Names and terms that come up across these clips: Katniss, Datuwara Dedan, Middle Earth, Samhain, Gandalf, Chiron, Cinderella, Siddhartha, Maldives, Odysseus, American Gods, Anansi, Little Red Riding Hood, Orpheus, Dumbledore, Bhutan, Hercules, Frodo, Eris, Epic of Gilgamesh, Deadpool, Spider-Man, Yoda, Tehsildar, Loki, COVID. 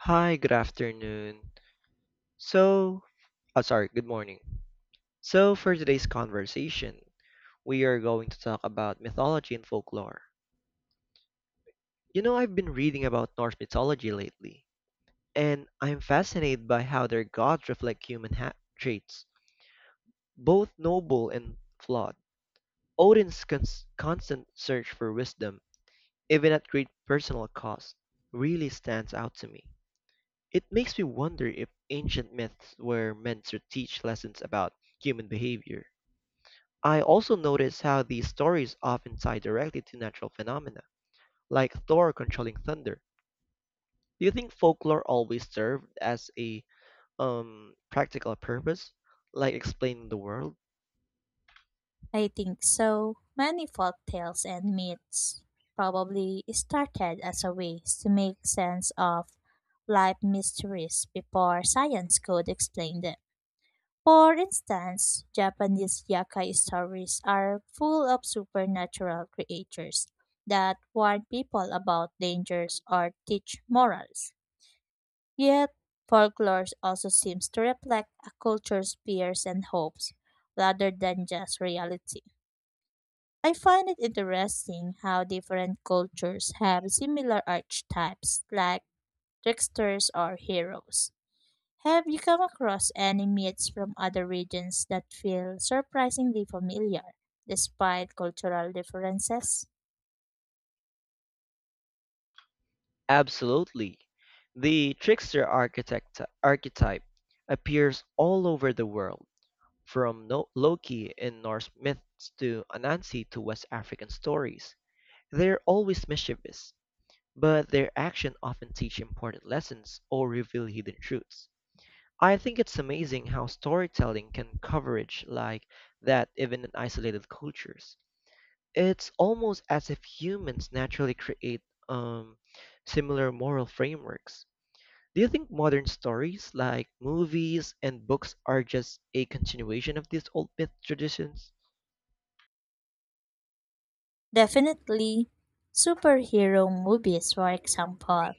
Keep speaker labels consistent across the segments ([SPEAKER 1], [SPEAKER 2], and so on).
[SPEAKER 1] Hi, good afternoon. So, Good morning. So, for today's conversation, we are going to talk about mythology and folklore. You know, I've been reading about Norse mythology lately, and I'm fascinated by how their gods reflect human traits, both noble and flawed. Odin's constant search for wisdom, even at great personal cost, really stands out to me. It makes me wonder if ancient myths were meant to teach lessons about human behavior. I also notice how these stories often tie directly to natural phenomena, like Thor controlling thunder. Do you think folklore always served as a practical purpose, like explaining the world?
[SPEAKER 2] I think so. Many folk tales and myths probably started as a way to make sense of life mysteries before science could explain them. For instance, Japanese yakai stories are full of supernatural creatures that warn people about dangers or teach morals. Yet, folklore also seems to reflect a culture's fears and hopes rather than just reality. I find it interesting how different cultures have similar archetypes, like tricksters or heroes. Have you come across any myths from other regions that feel surprisingly familiar, despite cultural differences?
[SPEAKER 1] Absolutely. The trickster architect archetype appears all over the world, from Loki in Norse myths to Anansi to West African stories. They're always mischievous, but their action often teach important lessons or reveal hidden truths. I think it's amazing how storytelling can coverage like that even in isolated cultures. It's almost as if humans naturally create um, similar moral frameworks. Do you think modern stories like movies and books are just a continuation of these old myth traditions?
[SPEAKER 2] Definitely, superhero movies, for example,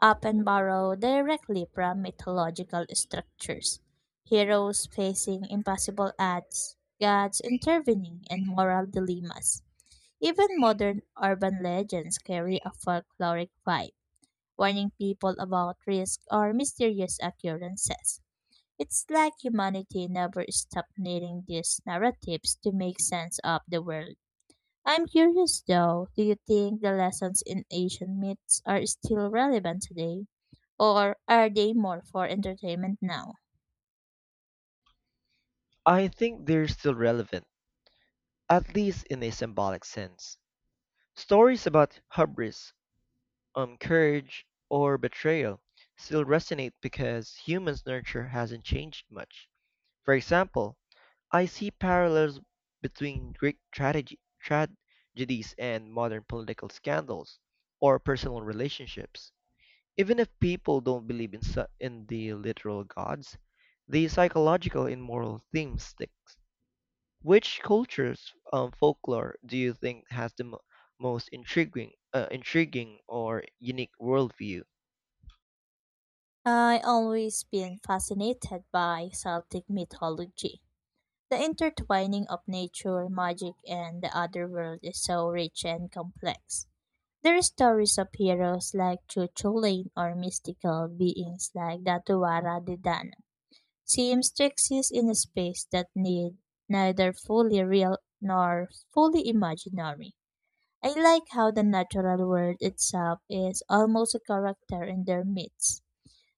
[SPEAKER 2] often borrow directly from mythological structures. Heroes facing impossible odds, gods intervening, and moral dilemmas. Even modern urban legends carry a folkloric vibe, warning people about risk or mysterious occurrences. It's like humanity never stopped needing these narratives to make sense of the world. I'm curious though, do you think the lessons in ancient myths are still relevant today? Or are they more for entertainment now?
[SPEAKER 1] I think they're still relevant, at least in a symbolic sense. Stories about hubris, courage, or betrayal still resonate because humans' nurture hasn't changed much. For example, I see parallels between tragedies and modern political scandals or personal relationships. Even if people don't believe in the literal gods, the psychological and moral theme sticks. Which culture's folklore do you think has the most intriguing or unique worldview?
[SPEAKER 2] I always been fascinated by Celtic mythology. The intertwining of nature, magic, and the other world is so rich and complex. There are stories of heroes like Cuchulainn or mystical beings like Datuwara Dedan seems to exist in a space that need neither fully real nor fully imaginary. I like how the natural world itself is almost a character in their myths.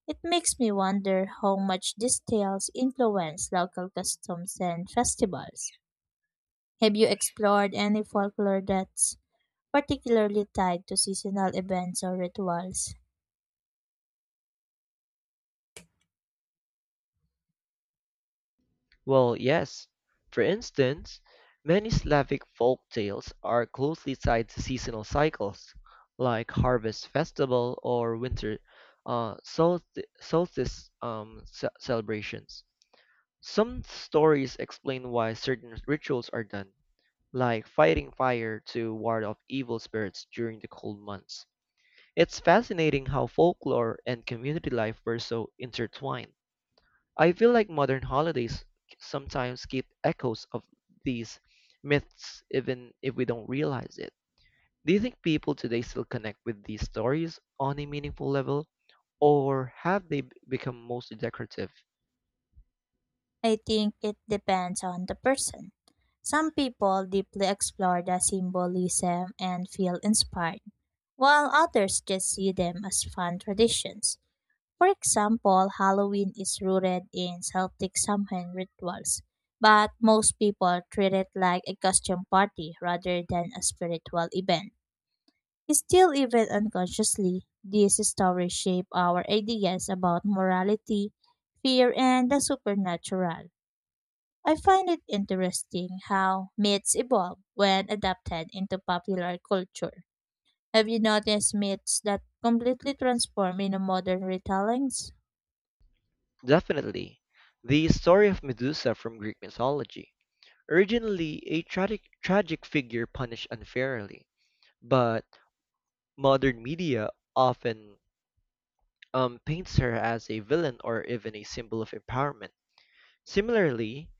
[SPEAKER 2] It makes me wonder how much these tales influence local customs and festivals. Have you explored any folklore that's particularly tied to seasonal events or rituals?
[SPEAKER 1] Well, yes. For instance, many Slavic folk tales are closely tied to seasonal cycles, like harvest festival or winter solstice celebrations. Some stories explain why certain rituals are done, like fighting fire to ward off evil spirits during the cold months. It's fascinating how folklore and community life were so intertwined. I feel like modern holidays sometimes keep echoes of these myths even if we don't realize it. Do you think people today still connect with these stories on a meaningful level, or have become mostly decorative?
[SPEAKER 2] I think it depends on the person. Some people deeply explore the symbolism and feel inspired, while others just see them as fun traditions. For example, Halloween is rooted in Celtic Samhain rituals, but most people treat it like a costume party rather than a spiritual event. Still, even unconsciously, these stories shape our ideas about morality, fear, and the supernatural. I find it interesting how myths evolve when adapted into popular culture. Have you noticed myths that completely transform into modern retellings?
[SPEAKER 1] Definitely. The story of Medusa from Greek mythology, originally a tragic figure punished unfairly, but modern media often paints her as a villain or even a symbol of empowerment. Similarly,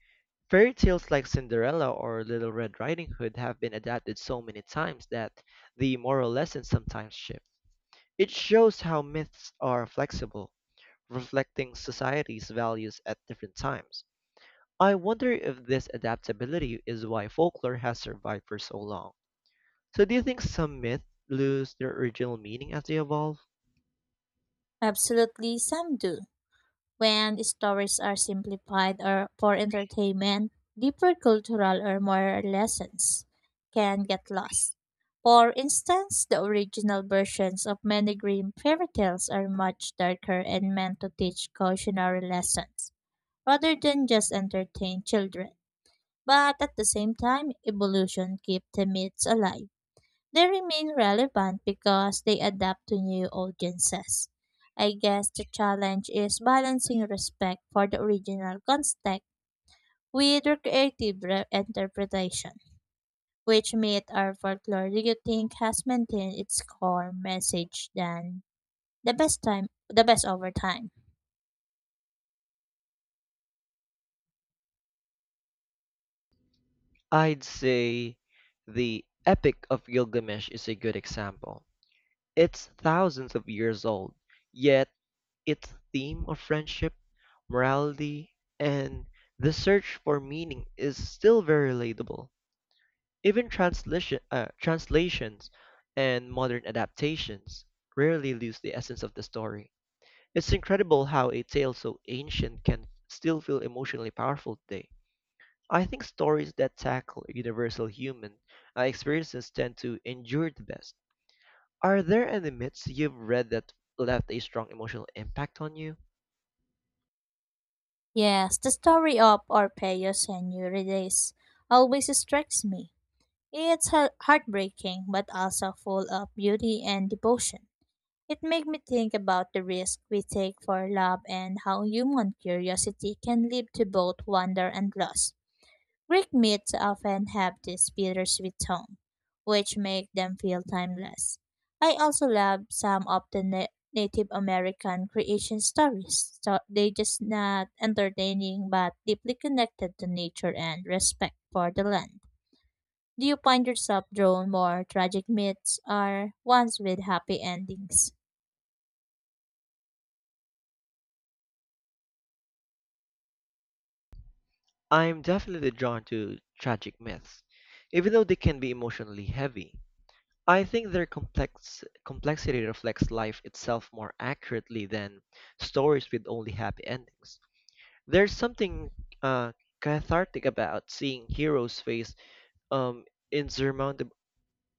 [SPEAKER 1] fairy tales like Cinderella or Little Red Riding Hood have been adapted so many times that the moral lessons sometimes shift. It shows how myths are flexible, reflecting society's values at different times. I wonder if this adaptability is why folklore has survived for so long. So, do you think some myths lose their original meaning as they evolve?
[SPEAKER 2] Absolutely, some do. When stories are simplified or for entertainment, deeper cultural or moral lessons can get lost. For instance, the original versions of many grim fairy tales are much darker and meant to teach cautionary lessons rather than just entertain children. But at the same time, evolution keeps the myths alive. They remain relevant because they adapt to new audiences. I guess the challenge is balancing respect for the original context with the creative interpretation. Which myth or folklore do you think has maintained its core message than the best over time?
[SPEAKER 1] I'd say the Epic of Gilgamesh is a good example. It's thousands of years old, yet its theme of friendship, morality, and the search for meaning is still very relatable. Even translations and modern adaptations rarely lose the essence of the story. It's incredible how a tale so ancient can still feel emotionally powerful today. I think stories that tackle universal human experiences tend to endure the best. Are there any myths you've read that left a strong emotional impact on you?
[SPEAKER 2] Yes, the story of Orpheus and Eurydice always strikes me. It's heartbreaking, but also full of beauty and devotion. It makes me think about the risk we take for love and how human curiosity can lead to both wonder and loss. Greek myths often have this bittersweet tone, which make them feel timeless. I also love some of the Native American creation stories. So they just not entertaining but deeply connected to nature and respect for the land. Do you find yourself drawn more tragic myths or ones with happy endings?
[SPEAKER 1] I'm definitely drawn to tragic myths, even though they can be emotionally heavy. I think their complexity reflects life itself more accurately than stories with only happy endings. There's something uh, cathartic about seeing heroes face um, insurmountable,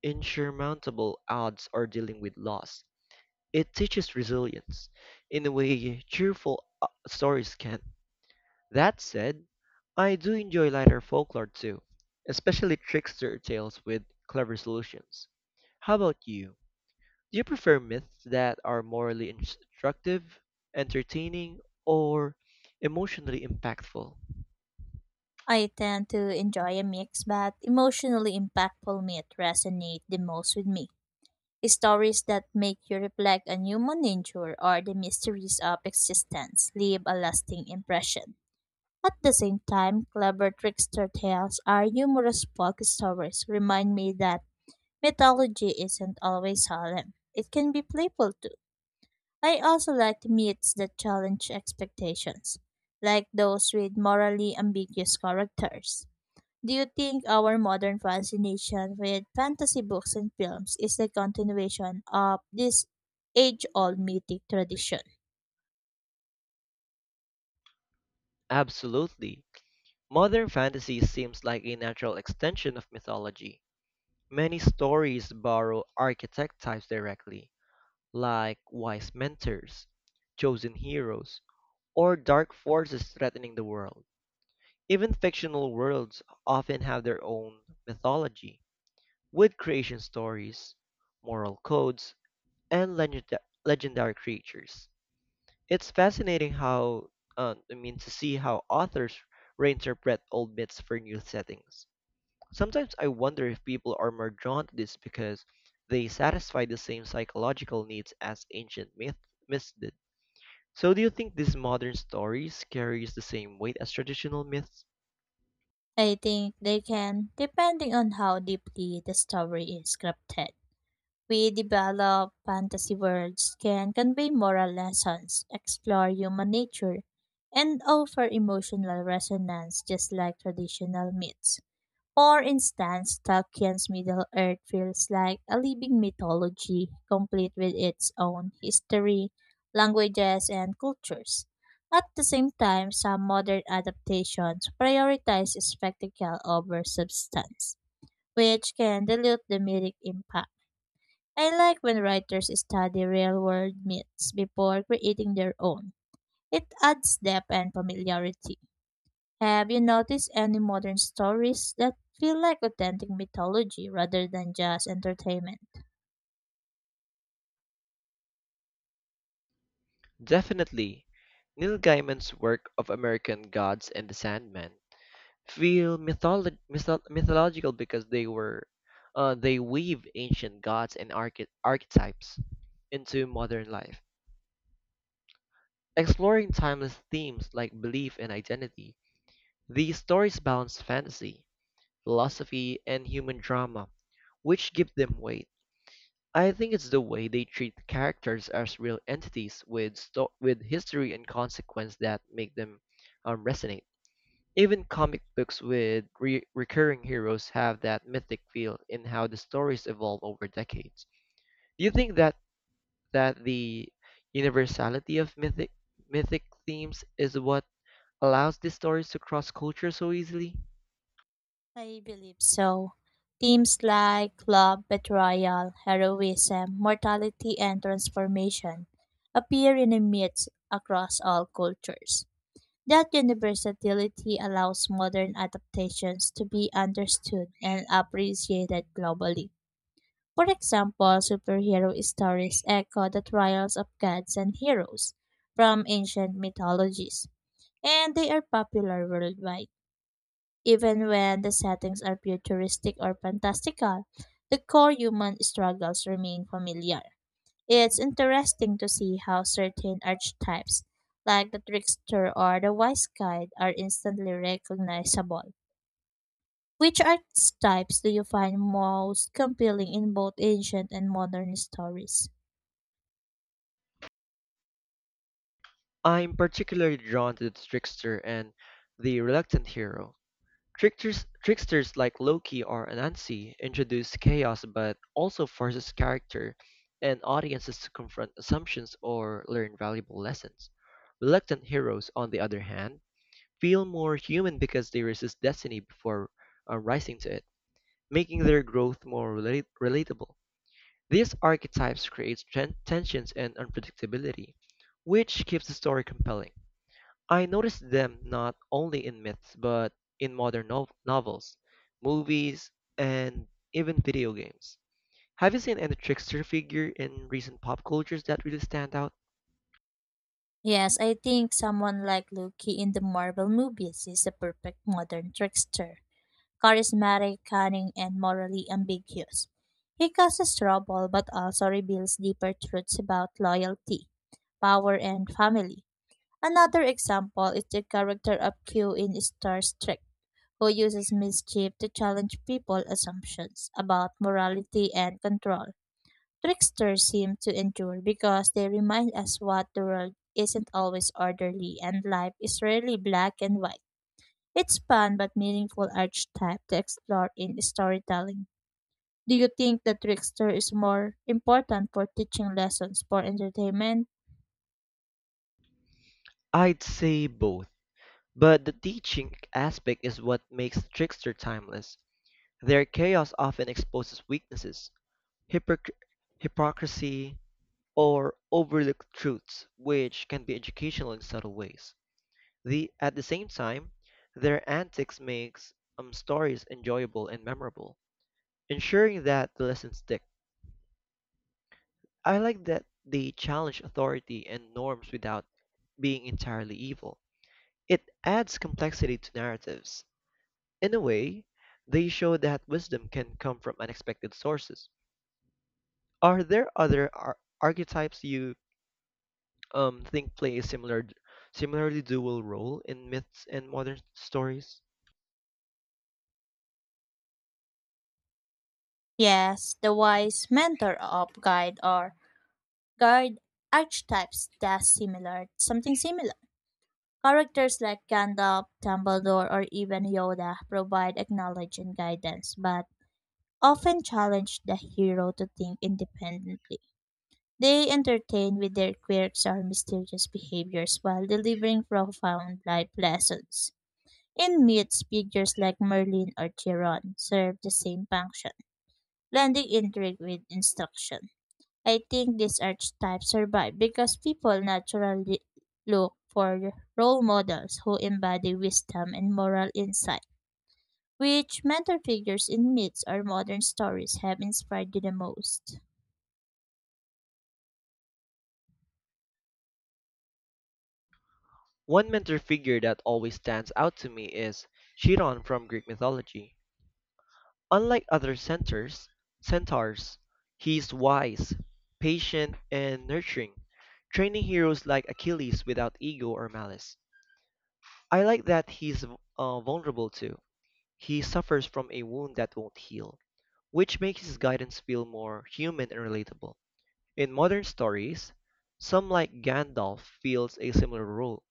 [SPEAKER 1] insurmountable odds or dealing with loss. It teaches resilience in a way cheerful stories can. That said, I do enjoy lighter folklore too, especially trickster tales with clever solutions. How about you? Do you prefer myths that are morally instructive, entertaining, or emotionally impactful?
[SPEAKER 2] I tend to enjoy a mix, but emotionally impactful myths resonate the most with me. Stories that make you reflect on human nature or the mysteries of existence leave a lasting impression. At the same time, clever trickster tales or humorous folk stories remind me that mythology isn't always solemn. It can be playful too. I also like myths that challenge expectations, like those with morally ambiguous characters. Do you think our modern fascination with fantasy books and films is the continuation of this age old mythic tradition?
[SPEAKER 1] Absolutely. Modern fantasy seems like a natural extension of mythology. Many stories borrow archetype types directly, like wise mentors, chosen heroes, or dark forces threatening the world. Even fictional worlds often have their own mythology, with creation stories, moral codes, and legendary creatures. It's fascinating to see how authors reinterpret old myths for new settings. Sometimes I wonder if people are more drawn to this because they satisfy the same psychological needs as ancient myths did. So, do you think these modern stories carries the same weight as traditional myths?
[SPEAKER 2] I think they can, depending on how deeply the story is scripted. We develop fantasy worlds can convey moral lessons, explore human nature, and offer emotional resonance just like traditional myths. For instance, Tolkien's Middle Earth feels like a living mythology, complete with its own history, languages, and cultures. At the same time, some modern adaptations prioritize spectacle over substance, which can dilute the mythic impact. I like when writers study real world myths before creating their own. It adds depth and familiarity. Have you noticed any modern stories that feel like authentic mythology rather than just entertainment?
[SPEAKER 1] Definitely. Neil Gaiman's work of American Gods and the Sandman feel mythological because they weave ancient gods and archetypes into modern life, exploring timeless themes like belief and identity. These stories balance fantasy, philosophy, and human drama, which give them weight. I think it's the way they treat characters as real entities with history and consequence that make them resonate. Even comic books with recurring heroes have that mythic feel in how the stories evolve over decades. Do you think that the universality of mythic themes is what allows these stories to cross culture so easily?
[SPEAKER 2] I believe so. Themes like love, betrayal, heroism, mortality, and transformation appear in the myths across all cultures. That universality allows modern adaptations to be understood and appreciated globally. For example, superhero stories echo the trials of gods and heroes from ancient mythologies, and they are popular worldwide. Even when the settings are futuristic or fantastical, the core human struggles remain familiar. It's interesting to see how certain archetypes, like the trickster or the wise guide, are instantly recognizable. Which archetypes do you find most compelling in both ancient and modern stories?
[SPEAKER 1] I'm particularly drawn to the trickster and the reluctant hero. Tricksters like Loki or Anansi introduce chaos but also forces character and audiences to confront assumptions or learn valuable lessons. Reluctant heroes, on the other hand, feel more human because they resist destiny before rising to it, making their growth more relatable. These archetypes create tensions and unpredictability, which keeps the story compelling. I noticed them not only in myths but in modern novels, movies, and even video games. Have you seen any trickster figure in recent pop cultures that really stand out?
[SPEAKER 2] Yes, I think someone like Loki in the Marvel movies is a perfect modern trickster. Charismatic, cunning, and morally ambiguous. He causes trouble but also reveals deeper truths about loyalty, power, and family. Another example is the character of Q in Star Trek, who uses mischief to challenge people's assumptions about morality and control. Tricksters seem to endure because they remind us what the world isn't always orderly and life is rarely black and white. It's fun but meaningful archetype to explore in storytelling. Do you think the trickster is more important for teaching lessons for entertainment?
[SPEAKER 1] I'd say both, but the teaching aspect is what makes trickster timeless. Their chaos often exposes weaknesses, hypocr- hypocrisy, or overlooked truths, which can be educational in subtle ways. The, at the same time, their antics makes stories enjoyable and memorable, ensuring that the lessons stick. I like that they challenge authority and norms without being entirely evil. It adds complexity to narratives. In a way, they show that wisdom can come from unexpected sources. Are there other archetypes you think play a similarly dual role in myths and modern stories?
[SPEAKER 2] Yes, the wise mentor of guide or guide archetypes does similar something similar. Characters like Gandalf, Dumbledore, or even Yoda provide acknowledge and guidance, but often challenge the hero to think independently. They entertain with their quirks or mysterious behaviors while delivering profound life lessons. In myths, figures like Merlin or Chiron serve the same function, blending intrigue with instruction. I think these archetypes survive because people naturally look for role models who embody wisdom and moral insight, which mentor figures in myths or modern stories have inspired you the most.
[SPEAKER 1] One mentor figure that always stands out to me is Chiron from Greek mythology. Unlike other centaurs, he's wise, patient, and nurturing, training heroes like Achilles without ego or malice. I like that he's vulnerable too. He suffers from a wound that won't heal, which makes his guidance feel more human and relatable. In modern stories, some like Gandalf fills a similar role,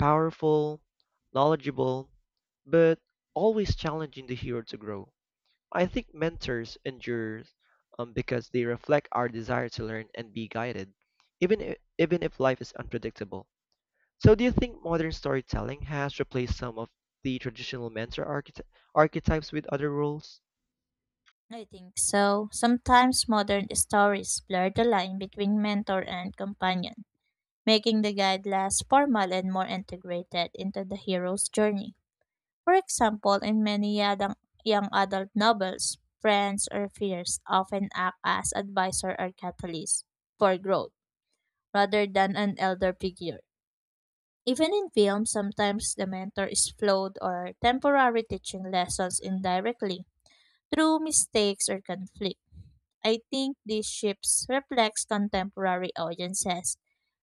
[SPEAKER 1] powerful, knowledgeable, but always challenging the hero to grow. I think mentors endure because they reflect our desire to learn and be guided, even if life is unpredictable. So, do you think modern storytelling has replaced some of the traditional mentor archetypes with other roles?
[SPEAKER 2] I think so. Sometimes modern stories blur the line between mentor and companion, making the guide less formal and more integrated into the hero's journey. For example, in many young adult novels, friends or peers often act as advisor or catalyst for growth rather than an elder figure. Even in films, sometimes the mentor is flawed or temporary teaching lessons indirectly through mistakes or conflict. I think these shifts reflects contemporary audiences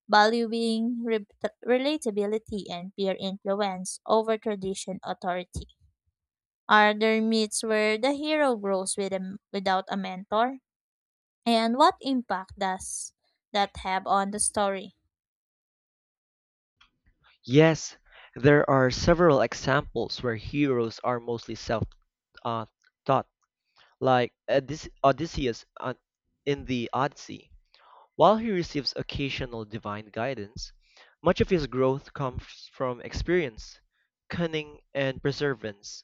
[SPEAKER 2] valuing relatability and peer influence over tradition authority. Are there myths where the hero grows without a mentor? And what impact does that have on the story?
[SPEAKER 1] Yes, there are several examples where heroes are mostly self uh, taught, like Odysseus in the Odyssey. While he receives occasional divine guidance, much of his growth comes from experience, cunning, and perseverance.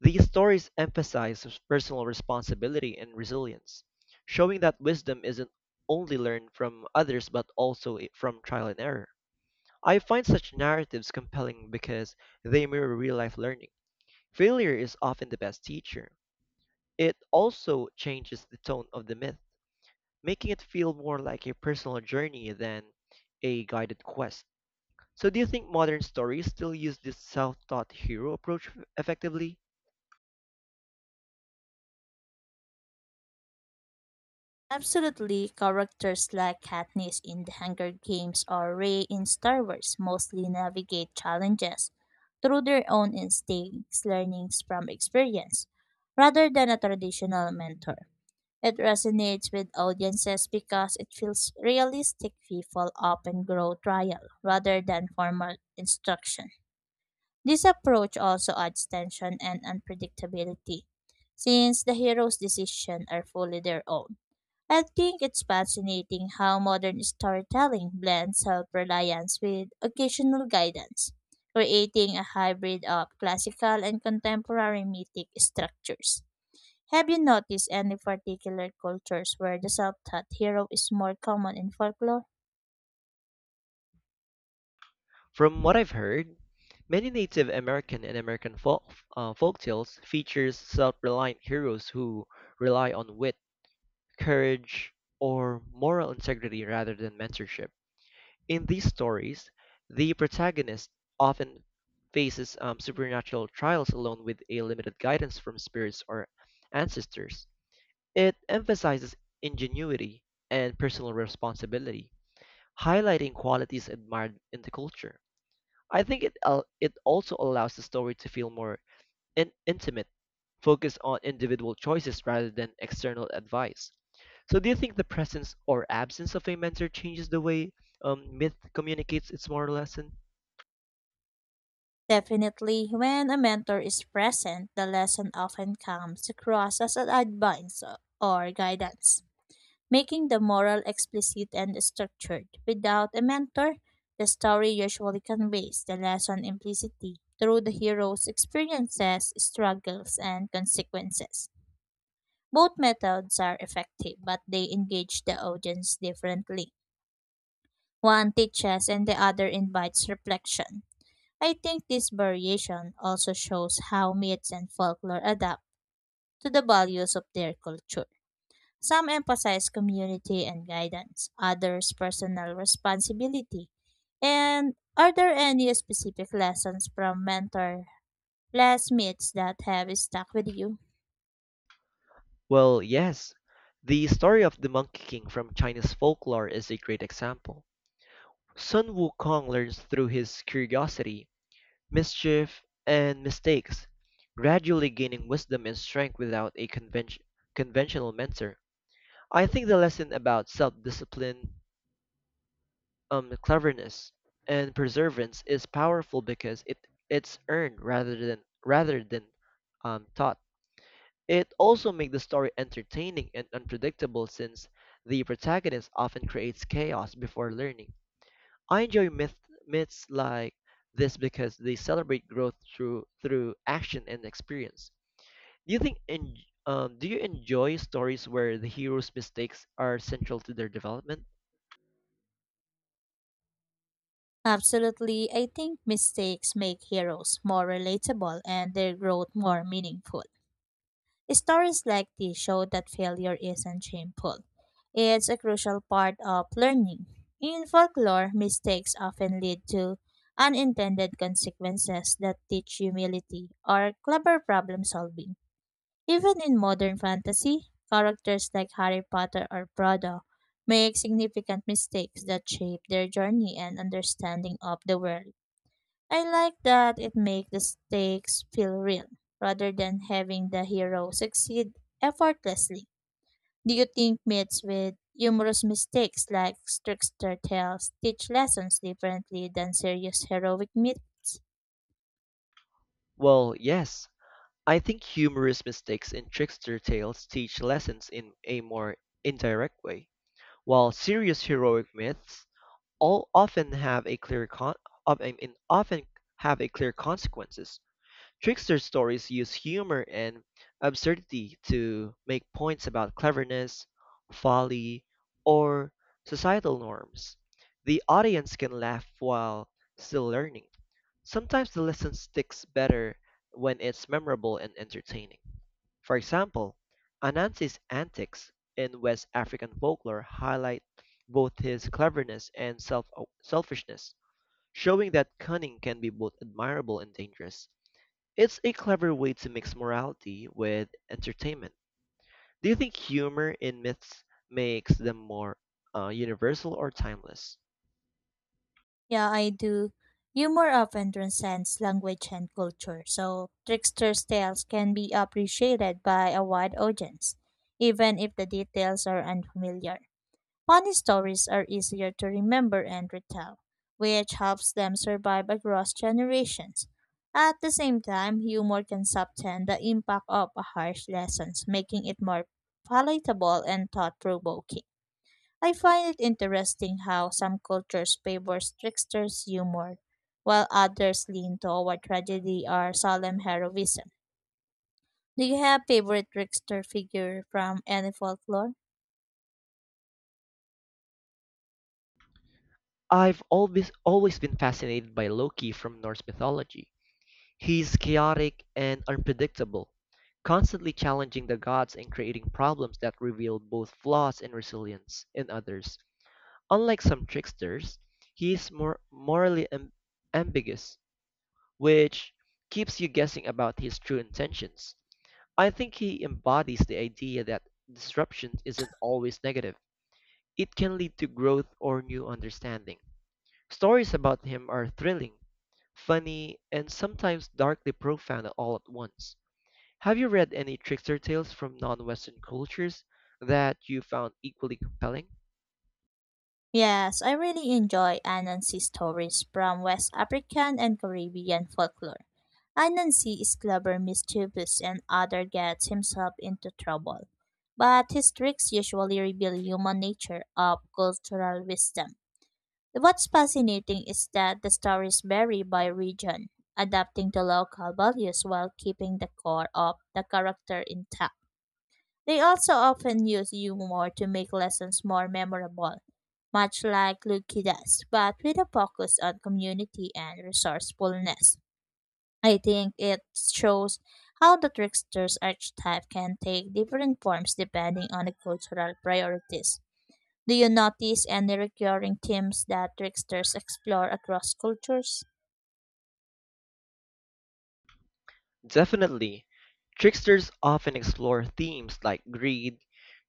[SPEAKER 1] These stories emphasize personal responsibility and resilience, showing that wisdom isn't only learned from others but from trial and error. I find such narratives compelling because they mirror real life learning. Failure is often the best teacher. It also changes the tone of the myth, making it feel more like a personal journey than a guided quest. So, do you think modern stories still use this self taught hero approach effectively?
[SPEAKER 2] Absolutely, characters like Katniss in The Hunger Games or Rey in Star Wars mostly navigate challenges through their own instincts, learnings from experience, rather than a traditional mentor. It resonates with audiences because it feels realistic people often grow trial rather than formal instruction. This approach also adds tension and unpredictability, since the hero's decisions are fully their own. I think it's fascinating how modern storytelling blends self reliance with occasional guidance, creating a hybrid of classical and contemporary mythic structures. Have you noticed any particular cultures where the self taught hero is more common in folklore?
[SPEAKER 1] From what I've heard, many Native American and American folktales features self-reliant heroes who rely on wit, courage, or moral integrity rather than mentorship. In these stories, the protagonist often faces supernatural trials alone with a limited guidance from spirits or ancestors. It emphasizes ingenuity and personal responsibility, highlighting qualities admired in the culture. I think it also allows the story to feel more intimate, focused on individual choices rather than external advice. So, do you think the presence or absence of a mentor changes the way myth communicates its moral lesson?
[SPEAKER 2] Definitely, when a mentor is present, the lesson often comes across as an advice or guidance, making the moral explicit and structured. Without a mentor, the story usually conveys the lesson implicitly through the hero's experiences, struggles, and consequences. Both methods are effective, but they engage the audience differently. One teaches and the other invites reflection. I think this variation also shows how myths and folklore adapt to the values of their culture. Some emphasize community and guidance, others personal responsibility. And are there any specific lessons from mentor less myths that have stuck with you?
[SPEAKER 1] Well, yes. The story of the Monkey King from Chinese folklore is a great example. Sun Wukong learns through his curiosity, mischief, and mistakes, gradually gaining wisdom and strength without a conventional mentor. I think the lesson about self-discipline, cleverness, and perseverance is powerful because it's earned rather than taught. It also makes the story entertaining and unpredictable since the protagonist often creates chaos before learning. I enjoy myths like this because they celebrate growth through action and experience. Do you enjoy stories where the hero's mistakes are central to their development?
[SPEAKER 2] Absolutely, I think mistakes make heroes more relatable and their growth more meaningful. Stories like these show that failure isn't shameful. It's a crucial part of learning. In folklore, mistakes often lead to unintended consequences that teach humility or clever problem solving. Even in modern fantasy, characters like Harry Potter or Frodo make significant mistakes that shape their journey and understanding of the world. I like that it makes the stakes feel real rather than having the hero succeed effortlessly. Do you think myths with humorous mistakes like trickster tales teach lessons differently than serious heroic myths?
[SPEAKER 1] Well, yes, I think humorous mistakes in trickster tales teach lessons in a more indirect way, while serious heroic myths all often have a clear con- of, I mean, often have a clear consequences. Trickster stories use humor and absurdity to make points about cleverness, folly, or societal norms. The audience can laugh while still learning. Sometimes the lesson sticks better when it's memorable and entertaining. For example, Anansi's antics in West African folklore highlight both his cleverness and selfishness, showing that cunning can be both admirable and dangerous. It's a clever way to mix morality with entertainment. Do you think humor in myths makes them more universal or timeless?
[SPEAKER 2] Yeah, I do. Humor often transcends language and culture, so trickster's tales can be appreciated by a wide audience, even if the details are unfamiliar. Funny stories are easier to remember and retell, which helps them survive across generations. At the same time, humor can soften the impact of harsh lessons, making it more palatable and thought provoking. I find it interesting how some cultures favor trickster's humor, while others lean toward tragedy or solemn heroism. Do you have favorite trickster figure from any folklore?
[SPEAKER 1] I've always been fascinated by Loki from Norse mythology. He's chaotic and unpredictable, constantly challenging the gods and creating problems that reveal both flaws and resilience in others. Unlike some tricksters, he is more ambiguous, which keeps you guessing about his true intentions. I think he embodies the idea that disruption isn't always negative. It can lead to growth or new understanding. Stories about him are thrilling, funny, and sometimes darkly profound all at once. Have you read any trickster tales from non-Western cultures that you found equally compelling?
[SPEAKER 2] Yes, I really enjoy Anansi stories from West African and Caribbean folklore. Anansi is clever, mischievous, and other gets himself into trouble. But his tricks usually reveal human nature of cultural wisdom. What's fascinating is that the stories vary by region, adapting to local values while keeping the core of the character intact. They also often use humor to make lessons more memorable, much like Luki does, but with a focus on community and resourcefulness. I think it shows how the trickster's archetype can take different forms depending on the cultural priorities. Do you notice any recurring themes that tricksters explore across cultures?
[SPEAKER 1] Definitely. Tricksters often explore themes like greed,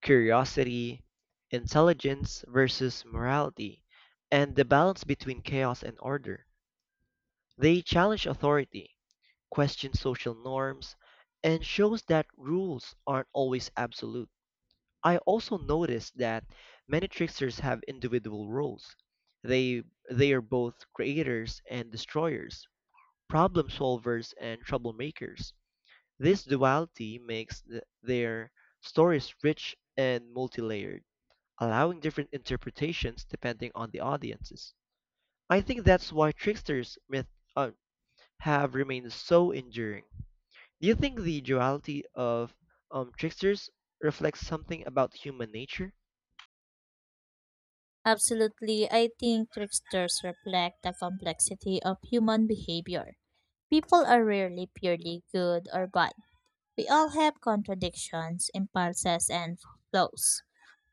[SPEAKER 1] curiosity, intelligence versus morality, and the balance between chaos and order. They challenge authority, question social norms, and shows that rules aren't always absolute. I also noticed that many tricksters have individual roles. They they are both creators and destroyers, problem solvers and troublemakers. This duality makes their stories rich and multi-layered, allowing different interpretations depending on the audiences. I think that's why tricksters myth uh, have remained so enduring. Do you think the duality of tricksters reflects something about human nature?
[SPEAKER 2] Absolutely, I think tricksters reflect the complexity of human behavior. People are rarely purely good or bad. We all have contradictions, impulses, and flaws.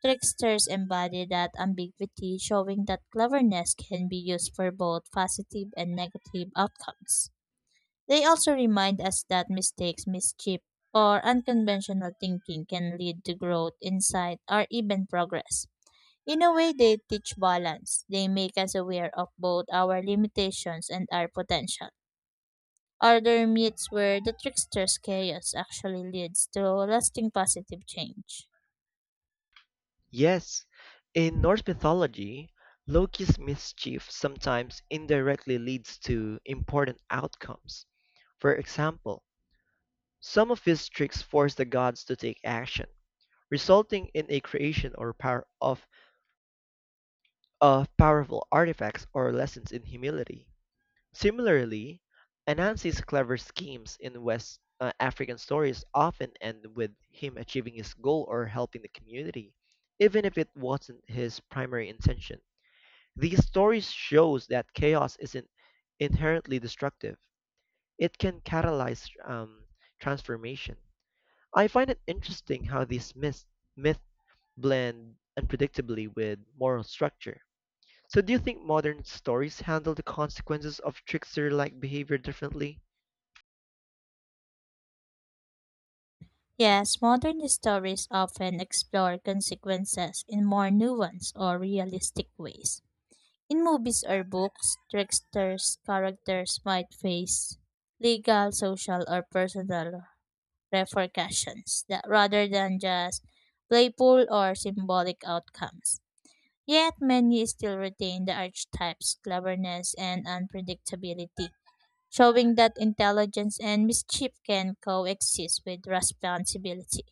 [SPEAKER 2] Tricksters embody that ambiguity, showing that cleverness can be used for both positive and negative outcomes. They also remind us that mistakes, mischief, or unconventional thinking can lead to growth, insight, or even progress. In a way, they teach balance. They make us aware of both our limitations and our potential. Are there myths where the trickster's chaos actually leads to lasting positive change?
[SPEAKER 1] Yes, in Norse mythology, Loki's mischief sometimes indirectly leads to important outcomes. For example, some of his tricks force the gods to take action, resulting in a creation of powerful artifacts or lessons in humility. Similarly, Anansi's clever schemes in West African stories often end with him achieving his goal or helping the community, even if it wasn't his primary intention. These stories shows that chaos isn't inherently destructive. It can catalyze transformation. I find it interesting how myths blend unpredictably with moral structure. So do you think modern stories handle the consequences of trickster-like behavior differently?
[SPEAKER 2] Yes, modern stories often explore consequences in more nuanced or realistic ways. In movies or books, tricksters' characters might face legal, social, or personal repercussions that rather than just playful or symbolic outcomes. Yet many still retain the archetype's cleverness and unpredictability, showing that intelligence and mischief can coexist with responsibility.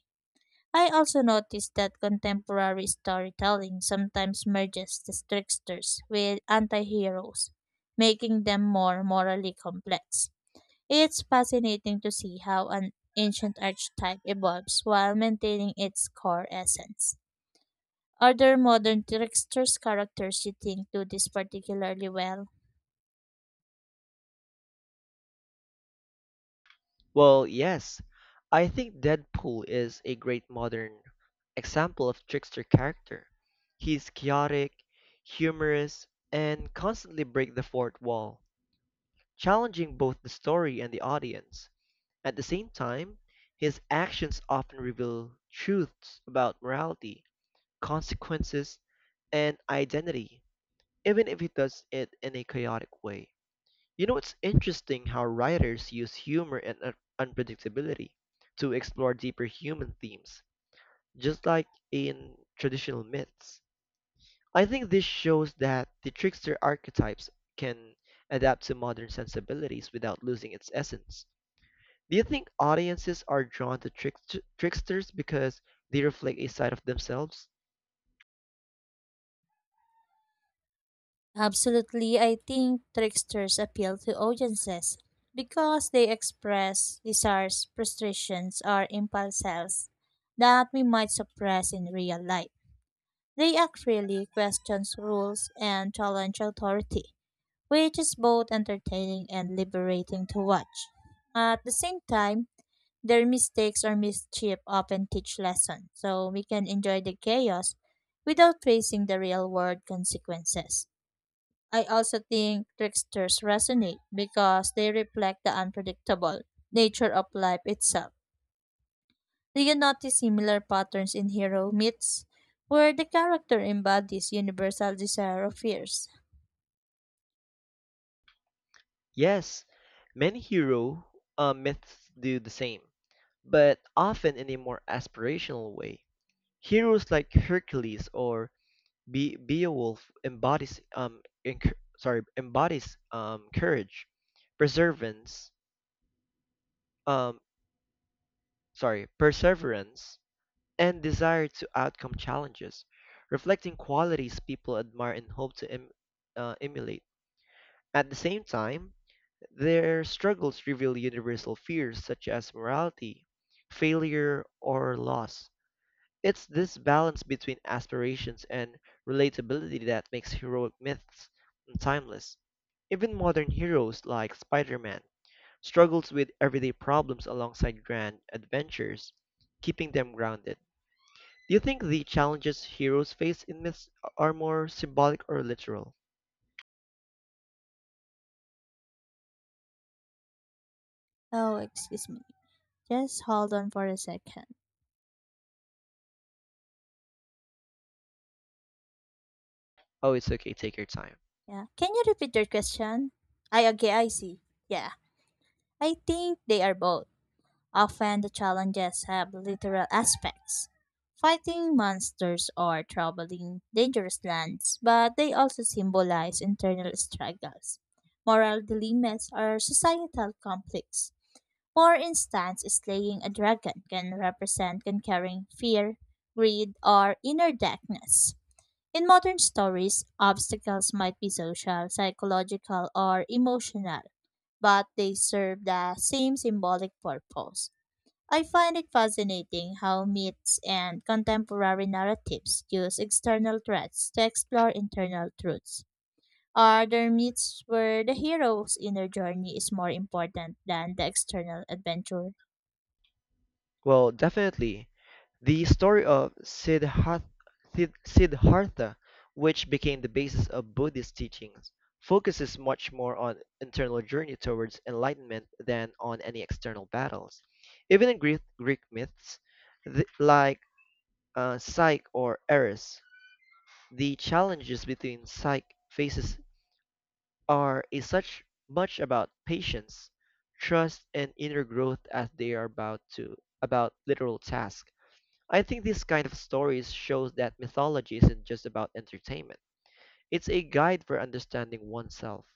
[SPEAKER 2] I also noticed that contemporary storytelling sometimes merges the tricksters with anti-heroes, making them more morally complex. It's fascinating to see how an ancient archetype evolves while maintaining its core essence. Are there modern tricksters characters you think do this particularly well?
[SPEAKER 1] Well, yes. I think Deadpool is a great modern example of trickster character. He's chaotic, humorous, and constantly break the fourth wall, challenging both the story and the audience. At the same time, his actions often reveal truths about morality, consequences, and identity, even if he does it in a chaotic way. You know, it's interesting how writers use humor and unpredictability to explore deeper human themes, just like in traditional myths. I think this shows that the trickster archetypes can adapt to modern sensibilities without losing its essence. Do you think audiences are drawn to tricksters because they reflect a side of themselves?
[SPEAKER 2] Absolutely, I think tricksters appeal to audiences because they express desires, frustrations, or impulses that we might suppress in real life. They act freely, questions rules, and challenge authority which is both entertaining and liberating to watch. At the same time, their mistakes or mischief often teach lessons, so we can enjoy the chaos without facing the real world consequences. I also think tricksters resonate because they reflect the unpredictable nature of life itself. Do you notice similar patterns in hero myths where the character embodies universal desire or fears?
[SPEAKER 1] Yes, many hero myths do the same, but often in a more aspirational way. Heroes like Hercules or Beowulf embodies courage, perseverance um perseverance and desire to outcome challenges, reflecting qualities people admire and hope to emulate. At the same time, their struggles reveal universal fears such as morality, failure, or loss. It's this balance between aspirations and relatability that makes heroic myths timeless. Even modern heroes like Spider-Man struggles with everyday problems alongside grand adventures, keeping them grounded. Do you think the challenges heroes face in myths are more symbolic or literal?
[SPEAKER 2] Oh, excuse me. Just hold on for a second.
[SPEAKER 1] Oh, it's okay. Take your time.
[SPEAKER 2] Yeah. Can you repeat your question? I Okay, I see. Yeah. I think they are both. Often the challenges have literal aspects. Fighting monsters or traveling dangerous lands, but they also symbolize internal struggles. Moral dilemmas or societal conflicts. For instance, slaying a dragon can represent conquering fear, greed, or inner darkness in modern stories, obstacles might be social, psychological, or emotional, but they serve the same symbolic purpose. I find it fascinating how myths and contemporary narratives use external threats to explore internal truths. Are there myths where the hero's inner journey is more important than the external adventure?
[SPEAKER 1] Well, definitely. The story of Siddhartha, which became the basis of Buddhist teachings, focuses much more on internal journey towards enlightenment than on any external battles. Even in Greek myths, th- like Psyche or Eris, the challenges between Psyche faces are is such much about patience, trust, and inner growth as they are about literal tasks. I think this kind of stories shows that mythology isn't just about entertainment. It's a guide for understanding oneself.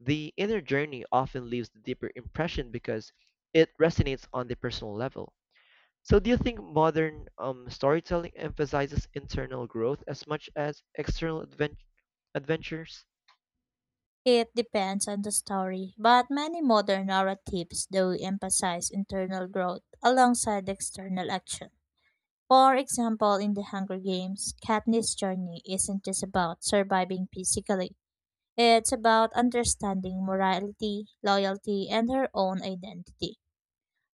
[SPEAKER 1] The inner journey often leaves the deeper impression because it resonates on the personal level. So, do you think modern storytelling emphasizes internal growth as much as external adventures?
[SPEAKER 2] It depends on the story, but many modern narratives do emphasize internal growth alongside external action. For example, in The Hunger Games, Katniss' journey isn't just about surviving physically. It's about understanding morality, loyalty, and her own identity.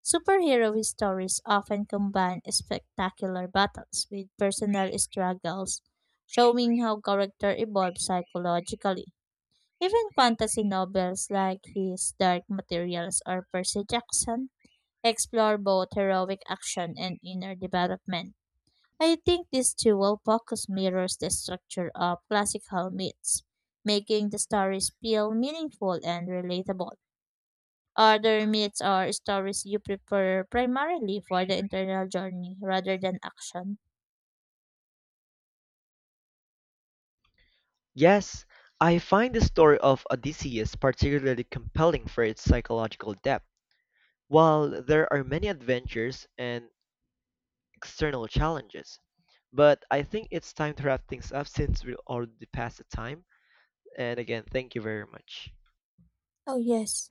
[SPEAKER 2] Superhero stories often combine spectacular battles with personal struggles, showing how character evolves psychologically. Even fantasy novels like his Dark Materials or Percy Jackson explore both heroic action and inner development. I think this dual focus mirrors the structure of classical myths, making the stories feel meaningful and relatable. Other myths are stories you prefer primarily for the internal journey rather than action.
[SPEAKER 1] Yes, I find the story of Odysseus particularly compelling for its psychological depth. While there are many adventures and external challenges, but I think it's time to wrap things up since we're already past the time. And again, thank you very much.
[SPEAKER 2] Oh, yes.